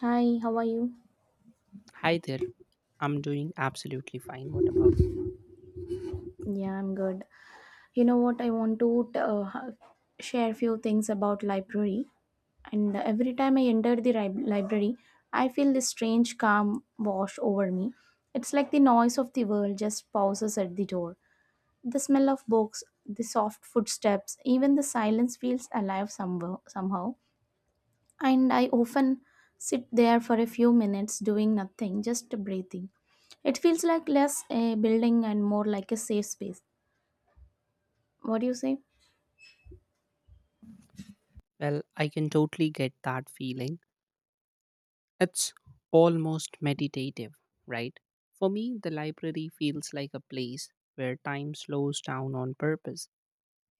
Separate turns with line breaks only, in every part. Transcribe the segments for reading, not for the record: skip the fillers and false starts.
Hi, how are you?
Hi there. I'm doing absolutely fine. What about?
Yeah, I'm good. You know what? I want to t- ha- Share few things about library. And every time I enter the library, I feel this strange calm wash over me. It's like the noise of the world just pauses at the door. The smell of books, the soft footsteps, even the silence feels alive somewhere, somehow. And I often sit there for a few minutes doing nothing, just breathing. It feels like less a building and more like a safe space. What do you say?
Well, I can totally get that feeling. It's almost meditative, right? For me, the library feels like a place where time slows down on purpose.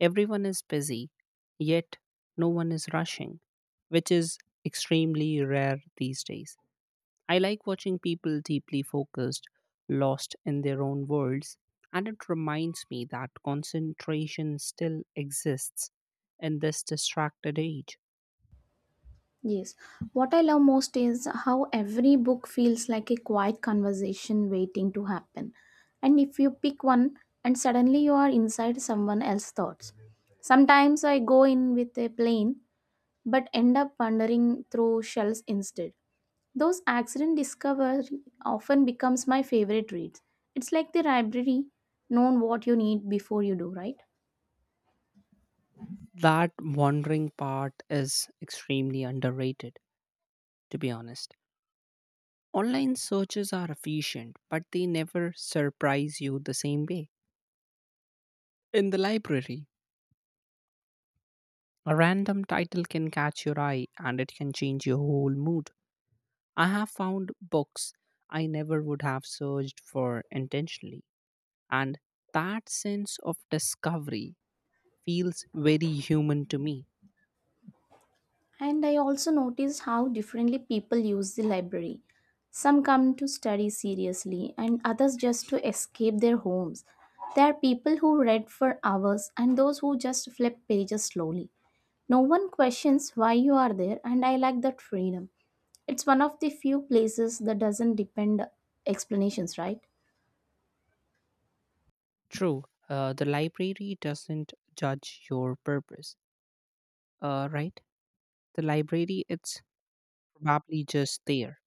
Everyone is busy, yet no one is rushing, which is extremely rare these days. I like watching people deeply focused, lost in their own worlds, and it reminds me that concentration still exists in this distracted age.
Yes. What I love most is how every book feels like a quiet conversation waiting to happen. And if you pick one and suddenly you are inside someone else's thoughts. Sometimes I go in with a plan, but end up wandering through shells instead. Those accident discovery often becomes my favorite reads. It's like the library known what you need before you do, right?
That wandering part is extremely underrated, to be honest. Online searches are efficient, but they never surprise you the same way. In the library, a random title can catch your eye and it can change your whole mood. I have found books I never would have searched for intentionally, and that sense of discovery feels very human to me.
And I also noticed how differently people use the library. Some come to study seriously and others just to escape their homes. There are people who read for hours and those who just flip pages slowly. No one questions why you are there and I like that freedom. It's one of the few places that doesn't depend explanations, right?
True, the library doesn't judge your purpose, right? The library, it's probably just there,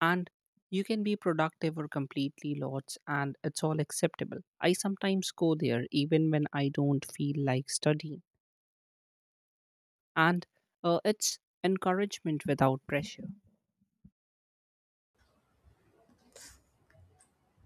and you can be productive or completely lost, and it's all acceptable. I sometimes go there even when I don't feel like studying. And it's encouragement without pressure.